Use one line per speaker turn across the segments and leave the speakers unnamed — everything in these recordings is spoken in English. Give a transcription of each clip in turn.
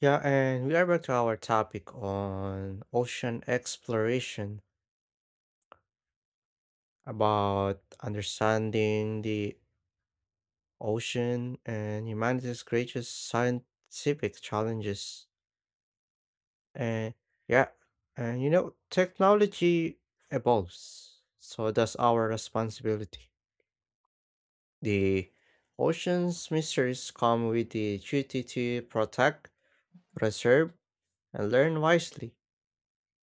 Yeah, and we are back to our topic on ocean exploration about understanding the ocean and humanity's greatest scientific challenges. And yeah, and you know, Technology evolves, so does our responsibility. The ocean's mysteries come with the duty to protect, preserve, and learn wisely.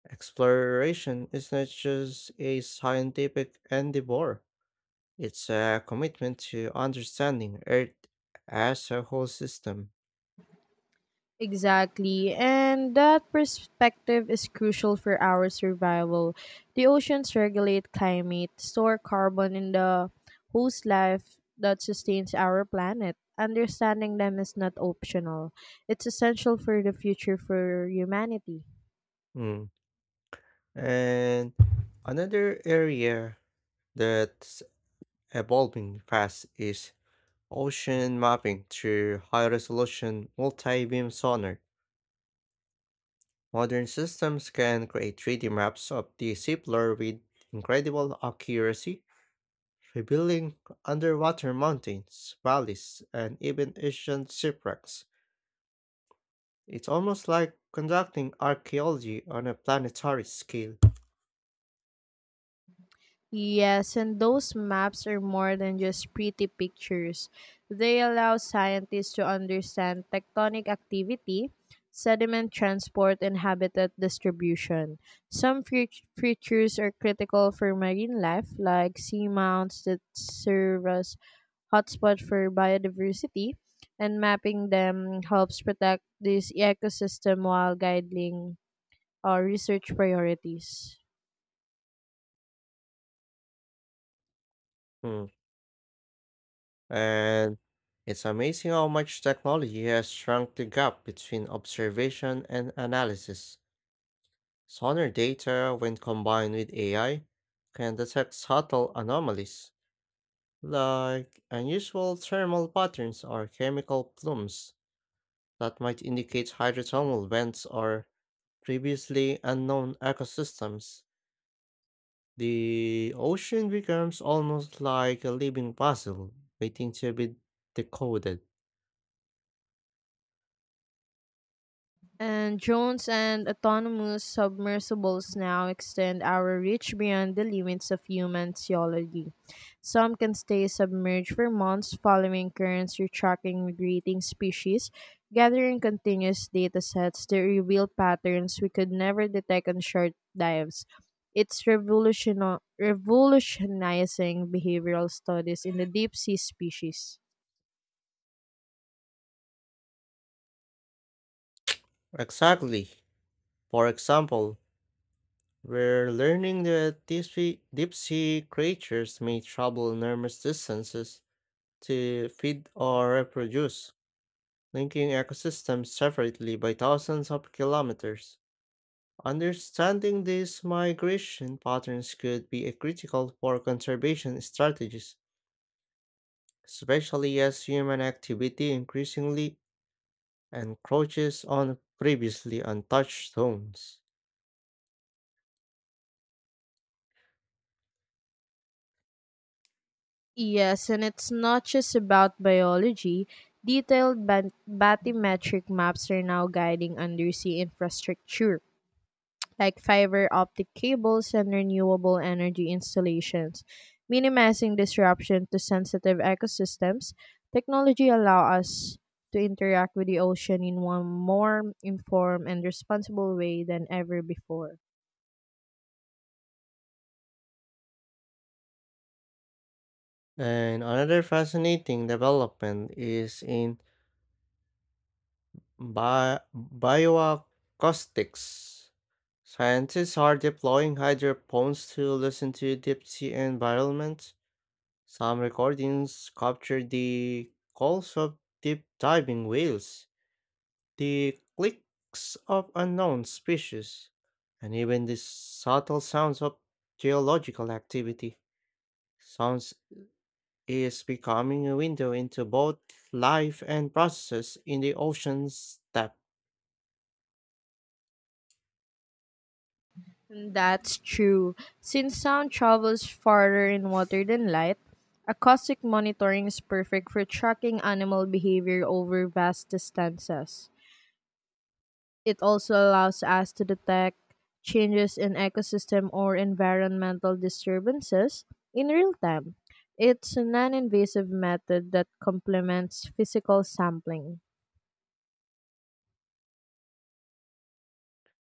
Exploration is not just a scientific endeavor, it's a commitment to understanding Earth as a whole system.
Exactly. And that perspective is crucial for our survival. The oceans regulate climate, store carbon in the host life that sustains our planet. Understanding them is not optional, it's essential for the future for humanity.
Mm. And another area that's evolving fast is ocean mapping through high resolution multi beam sonar. Modern systems can create 3D maps of the seafloor with incredible accuracy revealing underwater mountains, valleys, and even ancient shipwrecks. It's almost like conducting archaeology on a planetary scale.
Yes, and those maps are more than just pretty pictures. They allow scientists to understand tectonic activity, sediment transport, and habitat distribution. Some fea- Features are critical for marine life, like seamounts that serve as hotspots for biodiversity, and mapping them helps protect this ecosystem while guiding our research priorities.
Hmm. And it's amazing how much technology has shrunk the gap between observation and analysis. Sonar data, when combined with AI, can detect subtle anomalies like unusual thermal patterns or chemical plumes that might indicate hydrothermal vents or previously unknown ecosystems. The ocean becomes almost like a living puzzle waiting to be decoded.
And drones and autonomous submersibles now extend our reach beyond the limits of human theology. Some can stay submerged for months following currents or tracking migrating species, gathering continuous data sets that reveal patterns we could never detect on short dives. It's revolutionizing behavioral studies in the deep sea species.
Exactly. For example, we're learning that deep sea creatures may travel enormous distances to feed or reproduce, linking ecosystems separately by thousands of kilometers. Understanding these migration patterns could be a critical for conservation strategies, especially as human activity increasingly encroaches on previously untouched zones.
Yes, and it's not just about biology. Detailed bathymetric maps are now guiding undersea infrastructure, like fiber optic cables and renewable energy installations, minimizing disruption to sensitive ecosystems. Technology allow us to interact with the ocean in one more informed and responsible way than ever before.
And another fascinating development is in bioacoustics. Scientists are deploying hydrophones to listen to deep sea environments. Some recordings capture the calls of deep diving whales, the clicks of unknown species, and even the subtle sounds of geological activity. Sounds is becoming a window into both life and processes in the ocean's depth,
That's true. Since sound travels farther in water than light, acoustic monitoring is perfect for tracking animal behavior over vast distances. It also allows us to detect changes in ecosystem or environmental disturbances in real time. It's a non invasive method that complements physical sampling.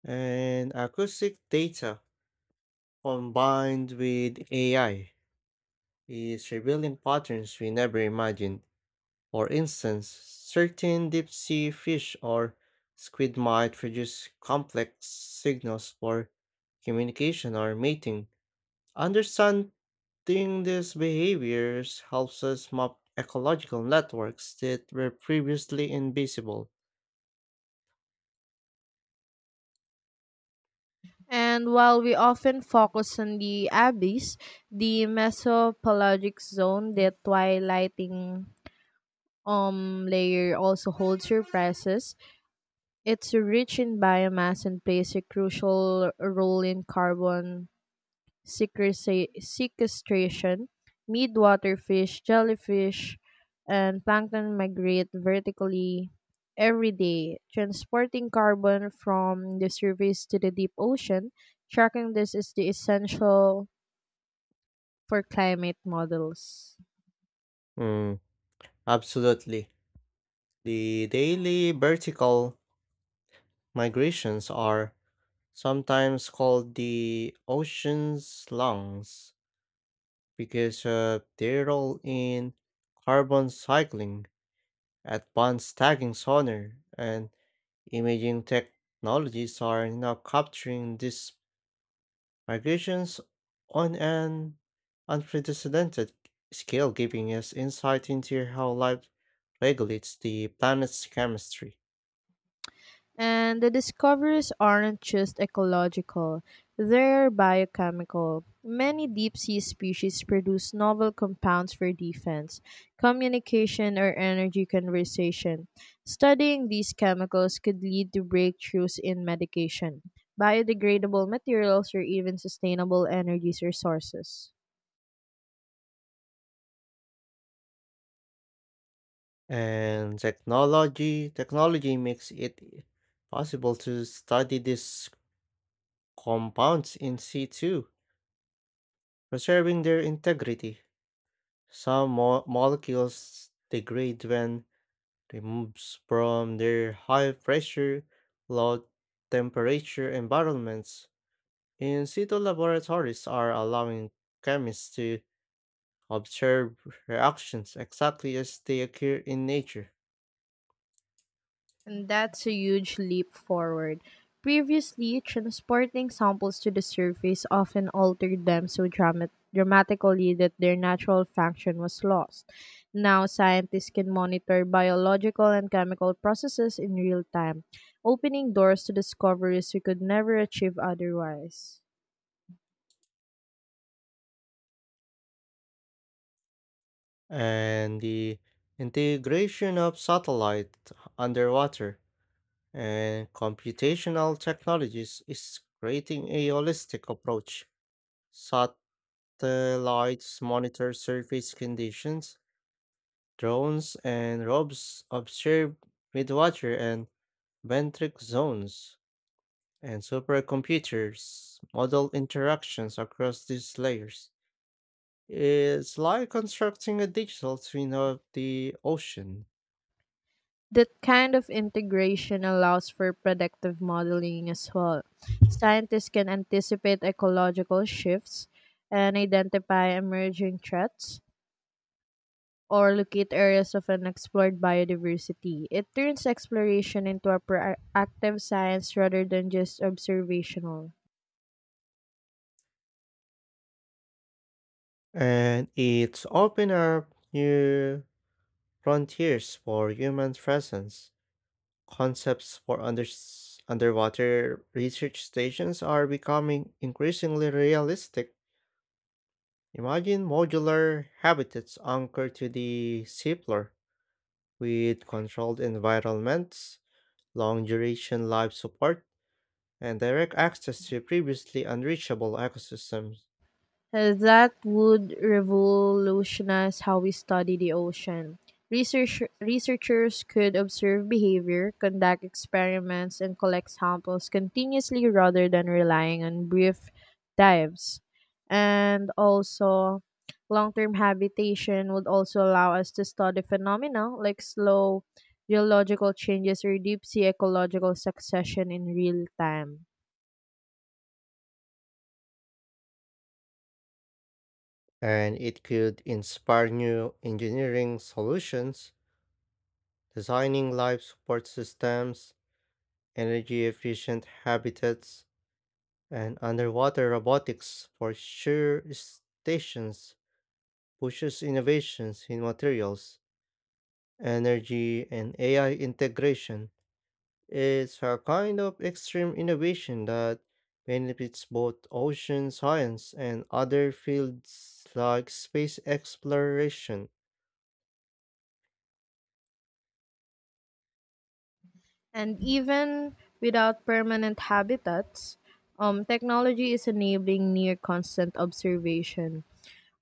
and acoustic data combined with AI is revealing patterns we never imagined. For instance, certain deep sea fish or squid might produce complex signals for communication or mating. Understanding these behaviors helps us map ecological networks that were previously invisible.
And while we often focus on the abyss, the mesopelagic zone, the twilighting layer, also holds surprises. It's rich in biomass and plays a crucial role in carbon sequestration, midwater fish, jellyfish, and plankton migrate vertically every day, transporting carbon from the surface to the deep ocean. Tracking this is the essential for climate models.
Mm, absolutely. The daily vertical migrations are sometimes called the ocean's lungs, because of their role in carbon cycling. Advanced tagging sonar, and imaging technologies are now capturing these migrations on an unprecedented scale, giving us insight into how life regulates the planet's chemistry.
And the discoveries aren't just ecological, they're biochemical. Many deep sea species produce novel compounds for defense, communication, or energy conservation. Studying these chemicals could lead to breakthroughs in medication, biodegradable materials, or even sustainable energy resources.
And technology makes it possible to study these compounds in situ, preserving their integrity. Some molecules degrade when removed from their high pressure, low temperature environments. In situ laboratories are allowing chemists to observe reactions exactly as they occur in nature.
And that's a huge leap forward. Previously, transporting samples to the surface often altered them so dramatically that their natural function was lost. Now, scientists can monitor biological and chemical processes in real time, opening doors to discoveries we could never achieve otherwise.
And the integration of satellite, underwater, and computational technologies is creating a holistic approach. Sat. Satellites monitor surface conditions, drones and robes observe midwater and benthic zones, and supercomputers model interactions across these layers. It's like constructing a digital twin of the ocean,
That kind of integration allows for predictive modeling as well. Scientists can anticipate ecological shifts and identify emerging threats or locate areas of unexplored biodiversity. It turns exploration into a proactive science rather than just observational.
and it's open up new frontiers for human presence. Concepts for underwater research stations are becoming increasingly realistic. Imagine modular habitats anchored to the seafloor with controlled environments, long duration life support, and direct access to previously unreachable ecosystems.
That would revolutionize how we study the ocean. Researchers could observe behavior, conduct experiments, and collect samples continuously rather than relying on brief dives. And also, long term habitation would also allow us to study phenomena like slow geological changes or deep sea ecological succession in real time.
And it could inspire new engineering solutions. Designing life support systems, energy efficient habitats, and underwater robotics for shore stations pushes innovations in materials, energy, and AI integration. It's a kind of extreme innovation that benefits both ocean science and other fields like space exploration.
And even without permanent habitats, technology is enabling near constant observation.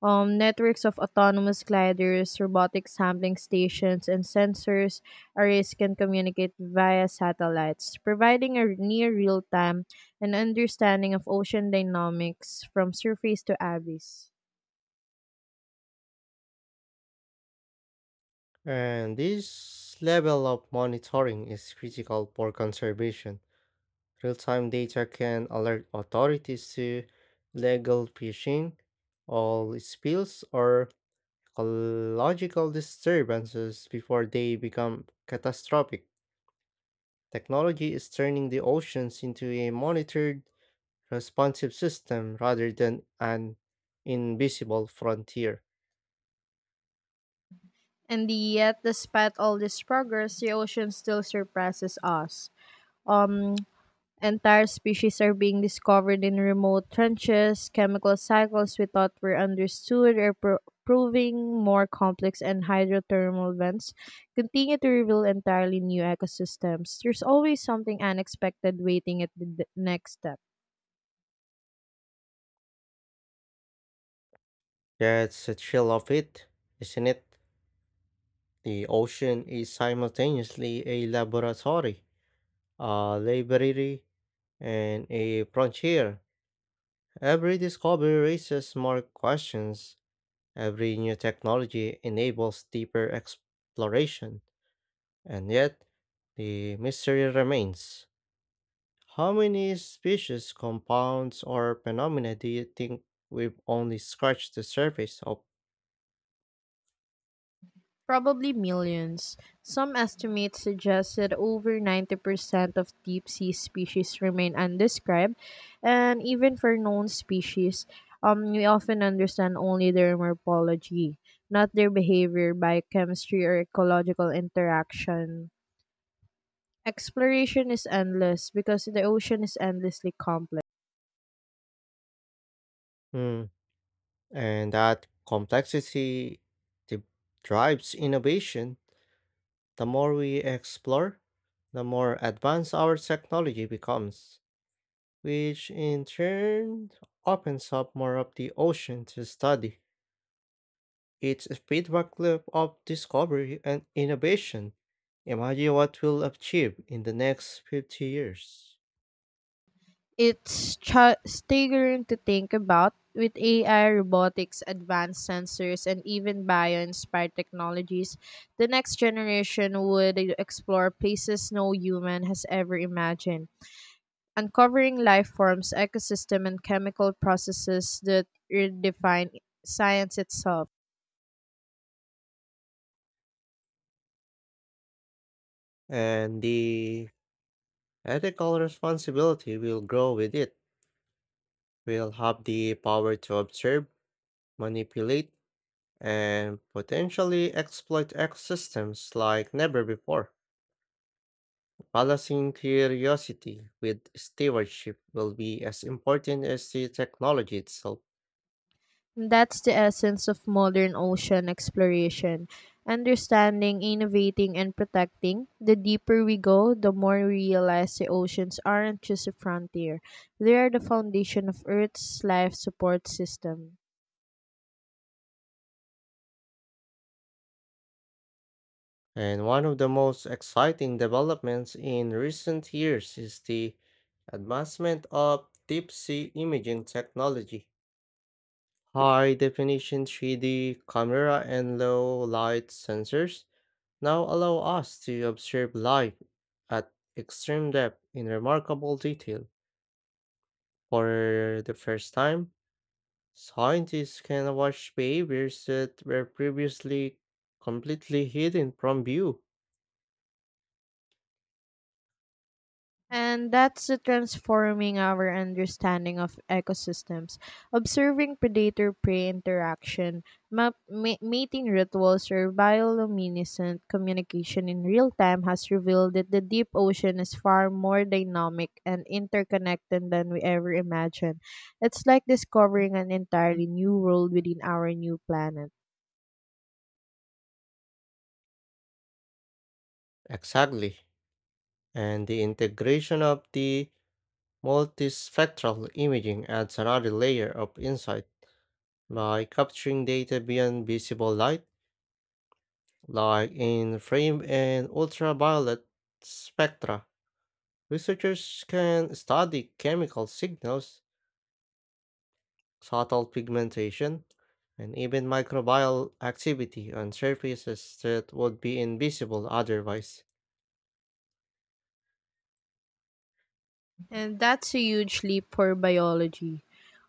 Networks of autonomous gliders, robotic sampling stations, and sensors arrays can communicate via satellites, providing a near real time and understanding of ocean dynamics from surface to abyss.
And this level of monitoring is critical for conservation. Real-time data can alert authorities to illegal fishing, oil spills, or ecological disturbances before they become catastrophic. Technology is turning the oceans into a monitored, responsive system rather than an invisible frontier.
And yet, despite all this progress, the ocean still surpasses us. Um, Entire species are being discovered in remote trenches. Chemical cycles we thought were understood are proving more complex, and hydrothermal vents continue to reveal entirely new ecosystems. There's always something unexpected waiting at the next step.
That's the thrill of it, isn't it? The ocean is simultaneously a laboratory, a library, and a frontier. Every discovery raises more questions. Every new technology enables deeper exploration. And yet, the mystery remains. How many species, compounds, or phenomena do you think we've only scratched the surface of?
Probably millions. Some estimates suggest that over 90% of deep sea species remain undescribed, and even for known species, we often understand only their morphology, not their behavior, biochemistry, or ecological interaction. Exploration is endless because the ocean is endlessly complex.
Hmm, And that complexity de- drives innovation. The more we explore, the more advanced our technology becomes, which in turn opens up more of the ocean to study. It's a feedback loop of discovery and innovation. Imagine what we'll achieve in the next 50 years.
It's staggering to think about. With AI, robotics, advanced sensors, and even bio inspired technologies, the next generation would explore places no human has ever imagined, uncovering life forms, ecosystem, and chemical processes that redefine science itself.
And the ethical responsibility will grow with it. We'll have the power to observe, manipulate, and potentially exploit ecosystems like never before. Balancing curiosity with stewardship will be as important as the technology itself.
That's the essence of modern ocean exploration. Understanding, innovating, and protecting. The deeper we go, the more we realize the oceans aren't just a frontier, they are the foundation of Earth's life support system.
And one of the most exciting developments in recent years is the advancement of deep sea imaging technology. High definition 3D camera and low light sensors now allow us to observe life at extreme depth in remarkable detail. For the first time, scientists can watch behaviors that were previously completely hidden from view.
And that's the transforming our understanding of ecosystems. Observing predator prey interaction, mating rituals, or bioluminescent communication in real time has revealed that the deep ocean is far more dynamic and interconnected than we ever imagined. It's like discovering an entirely new world within our new planet.
Exactly. And the integration of the multispectral imaging adds another layer of insight by capturing data beyond visible light, like in frame and ultraviolet spectra. Researchers can study chemical signals, subtle pigmentation, and even microbial activity on surfaces that would be invisible otherwise.
And that's a huge leap for biology.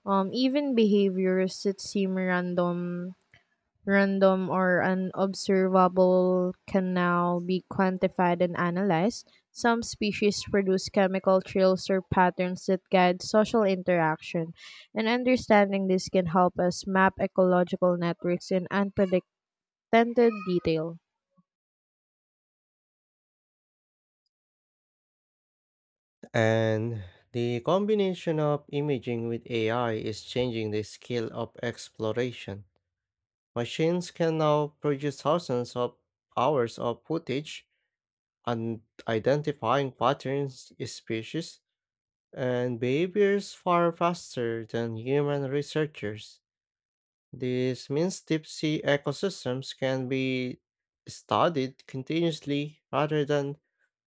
Even behaviors that seem random or unobservable can now be quantified and analyzed. Some species produce chemical trails or patterns that guide social interaction, and understanding this can help us map ecological networks in unprecedented detail.
And the combination of imaging with AI is changing the scale of exploration. Machines can now produce thousands of hours of footage and identifying patterns, species, and behaviors far faster than human researchers. This means deep sea ecosystems can be studied continuously rather than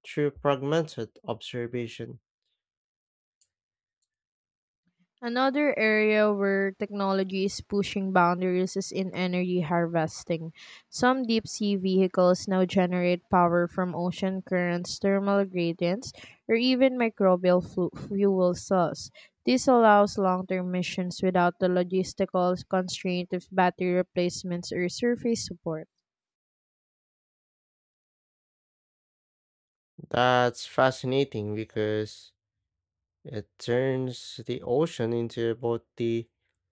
through fragmented observation.
Another area where technology is pushing boundaries is in energy harvesting. Some deep sea vehicles now generate power from ocean currents, thermal gradients, or even microbial fuel cells. This allows long term missions without the logistical constraint of battery replacements or surface support.
That's fascinating because it turns the ocean into both the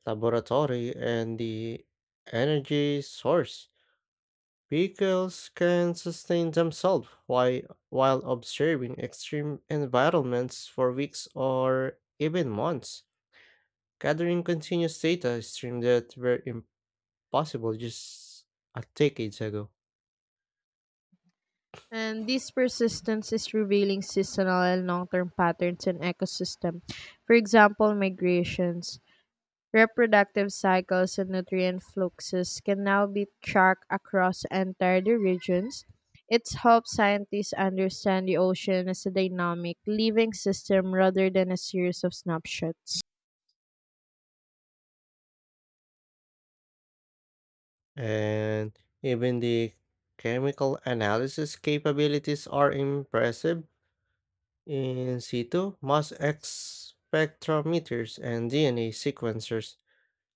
laboratory and the energy source. Vehicles can sustain themselves while observing extreme environments for weeks or even months, gathering continuous data streams that were impossible just a decades ago.
And this persistence is revealing seasonal and long term patterns in ecosystem. For example, migrations. Reproductive cycles and nutrient fluxes can now be tracked across entire regions. It's helped scientists understand the ocean as a dynamic, living system rather than a series of snapshots.
And even the chemical analysis capabilities are impressive. In situ, mass spectrometers and DNA sequencers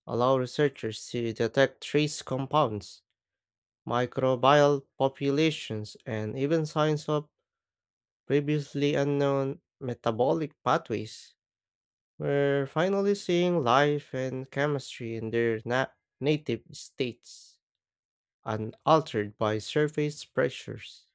allow researchers to detect trace compounds, microbial populations, and even signs of previously unknown metabolic pathways. We're finally seeing life and chemistry in their native states, unaltered by surface pressures.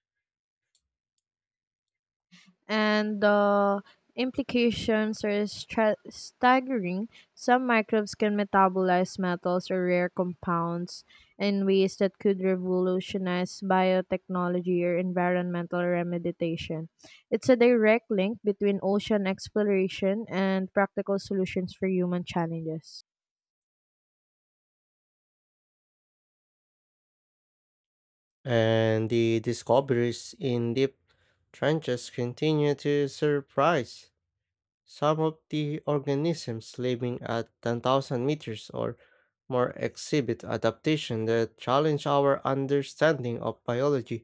And the implications are staggering. Some microbes can metabolize metals or rare compounds in ways that could revolutionize biotechnology or environmental remediation. It's a direct link between ocean exploration and practical solutions for human challenges.
And the discoveries in deep trenches continue to surprise. Some of the organisms living at 10,000 meters or more exhibit adaptation that challenge our understanding of biology.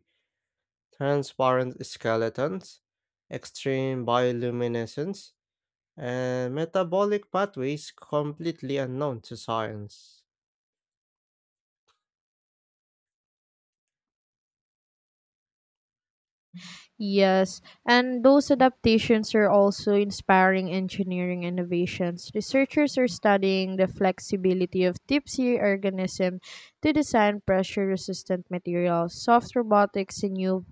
Transparent skeletons, extreme bioluminescence, and metabolic pathways completely unknown to science.
Yes, and those adaptations are also inspiring engineering innovations. Researchers are studying the flexibility of deep sea organisms to design pressure resistant materials, soft robotics, and new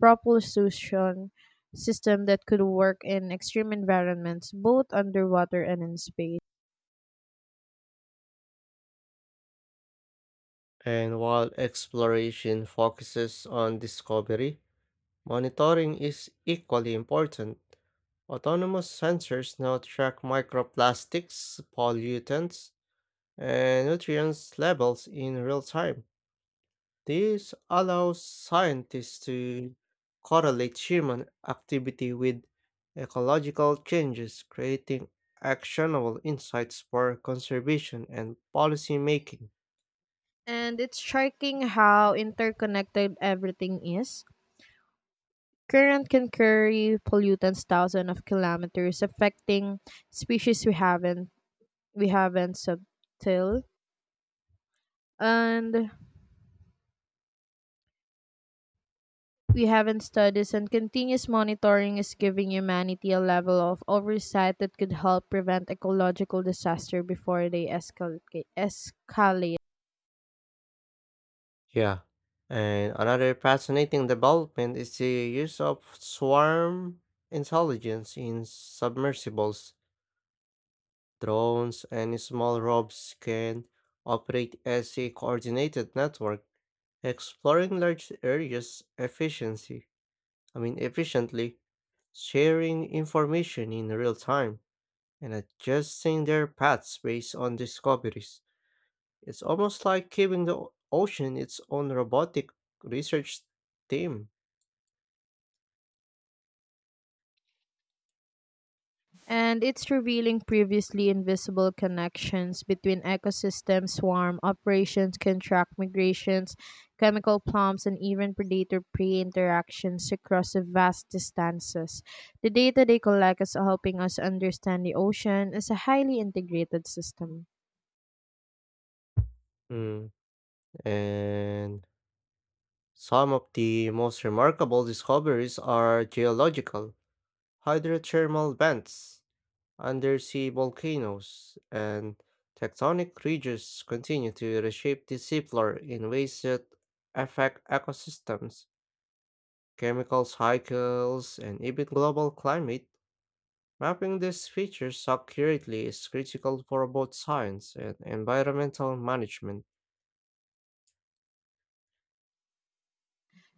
propulsion system that could work in extreme environments, both underwater and in space.
And while exploration focuses on discovery, monitoring is equally important. Autonomous sensors now track microplastics, pollutants, and nutrients levels in real time. This allows scientists to correlate human activity with ecological changes, creating actionable insights for conservation and policy making.
And it's striking how interconnected everything is. Current can carry pollutants thousands of kilometers, affecting species we haven't subtil and we haven't studies and continuous monitoring is giving humanity a level of oversight that could help prevent ecological disaster before they escalate.
Yeah. And another fascinating development is the use of swarm intelligence in submersibles. Drones and small robots can operate as a coordinated network, exploring large areas efficiently, sharing information in real time and adjusting their paths based on discoveries. It's almost like giving the ocean its own robotic research team.
And it's revealing previously invisible connections between ecosystems, swarm operations, contract migrations, chemical plumps, and even predator prey interactions across vast distances. The data they collect is helping us understand the ocean as a highly integrated system.
Mm, And some of the most remarkable discoveries are geological. Hydrothermal vents, undersea volcanoes, and tectonic ridges continue to reshape the seafloor in ways that affect ecosystems, chemical cycles, and even global climate. Mapping these features accurately is critical for both science and environmental management.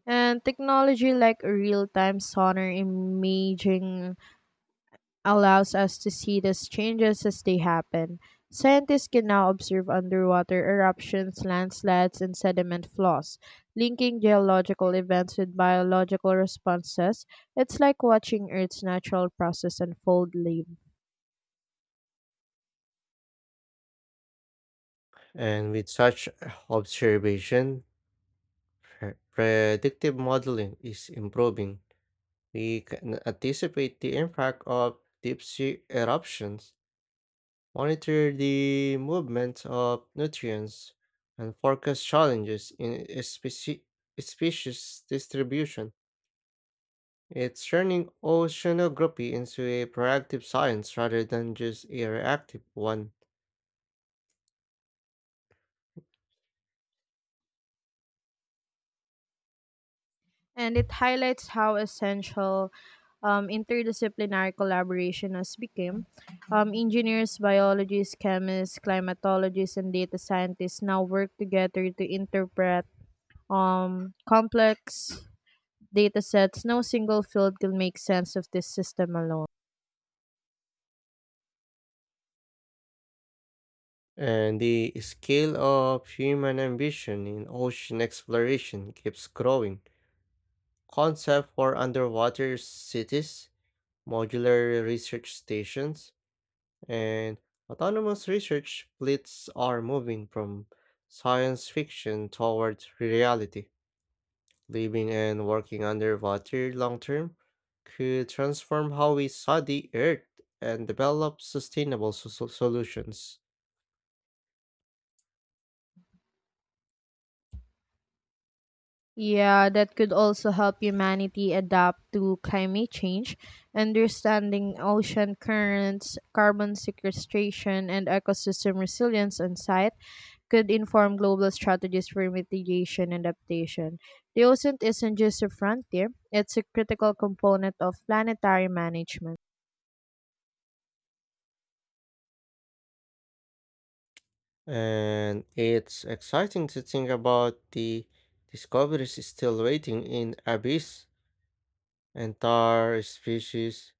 And technology like real time sonar imaging allows us to see these changes as they happen. Scientists can now observe underwater eruptions, landslides, and sediment flows, linking geological events with biological responses. It's like watching Earth's natural process unfold live.
And with such observation, predictive modeling is improving. We can anticipate the impact of deep sea eruptions, monitor the movement of nutrients, and forecast challenges in species distribution. It's turning oceanography into a proactive science rather than just a reactive one.
And it highlights how essential interdisciplinary collaboration has become. Engineers, biologists, chemists, climatologists, and data scientists now work together to interpret complex data sets, no single field can make sense of this system alone.
And the scale of human ambition in ocean exploration keeps growing. Concept for underwater cities, modular research stations, and autonomous research fleets are moving from science fiction towards reality. Living and working underwater long term could transform how we saw the Earth and develop sustainable solutions.
Yeah, that could also help humanity adapt to climate change, understanding ocean currents, carbon sequestration, and ecosystem resilience on site could inform global strategies for mitigation and adaptation. The ocean isn't just a frontier, it's a critical component of planetary management.
And it's exciting to think about the discoveries still waiting in abyss. Entire species,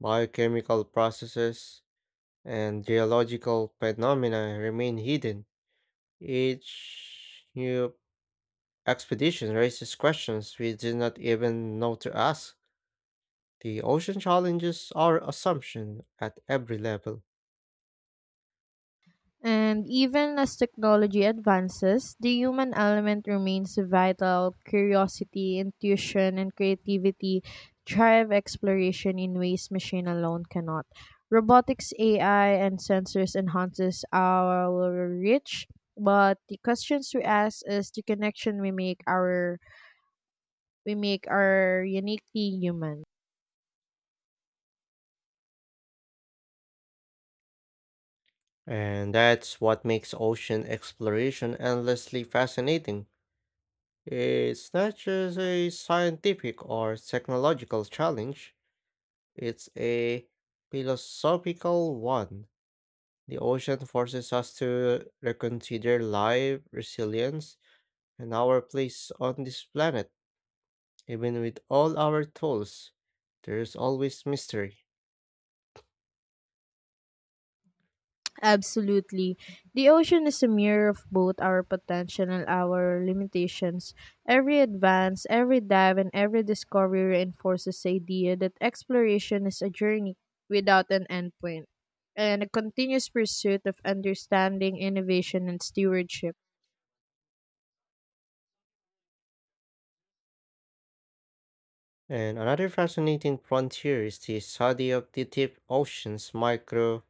biochemical processes, and geological phenomena remain hidden. Each new expedition raises questions we did not even know to ask. The ocean challenges our assumption at every level,
And even as technology advances, the human element remains vital. Curiosity, intuition, and creativity drive exploration in ways machine alone cannot. Robotics, AI, and sensors enhances our reach, but the questions we ask is the connection we make our uniquely human.
and that's what makes ocean exploration endlessly fascinating. It's not just a scientific or technological challenge, it's a philosophical one. The ocean forces us to reconsider life, resilience, and our place on this planet. Even with all our tools, there's always mystery.
Absolutely. The ocean is a mirror of both our potential and our limitations. Every advance, every dive, and every discovery reinforces the idea that exploration is a journey without an endpoint and a continuous pursuit of understanding, innovation, and stewardship.
And another fascinating frontier is the study of the deep ocean's microbiome.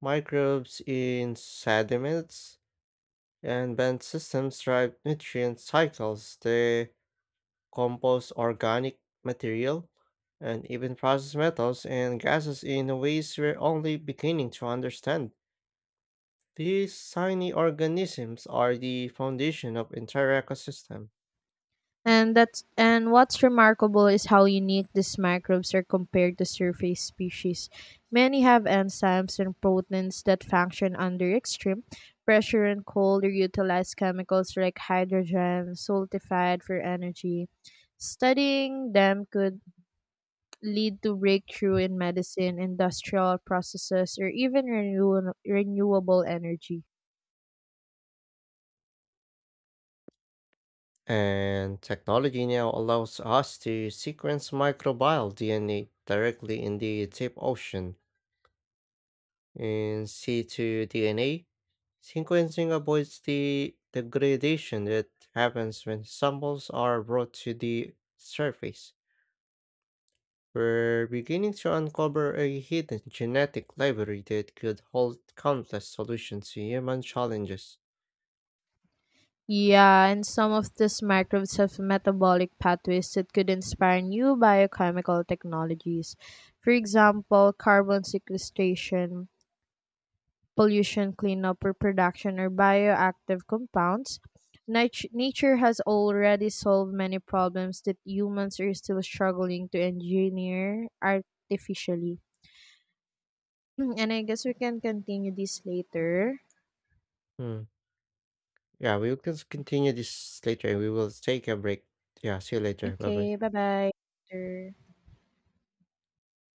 Microbes in sediments and bent systems drive nutrient cycles. They compose organic material and even process metals and gases in ways we're only beginning to understand. These tiny organisms are the foundation of entire ecosystem.
And what's remarkable is how unique these microbes are compared to surface species. Many have enzymes and proteins that function under extreme pressure and cold or utilize chemicals like hydrogen sulfide for energy. Studying them could lead to breakthrough in medicine, industrial processes, or even renewable energy.
And technology now allows us to sequence microbial DNA directly in the deep ocean. In situ DNA sequencing avoids the degradation that happens when samples are brought to the surface. We're beginning to uncover a hidden genetic library that could hold countless solutions to human challenges.
Yeah, and some of these microbes have metabolic pathways that could inspire new biochemical technologies. For example, carbon sequestration, pollution cleanup reproduction, or bioactive compounds. Nature has already solved many problems that humans are still struggling to engineer artificially. And I guess we can continue this later.
Hmm. Yeah, we will continue this later and we will take a break. Yeah, see you later. Bye bye.
Okay, bye bye.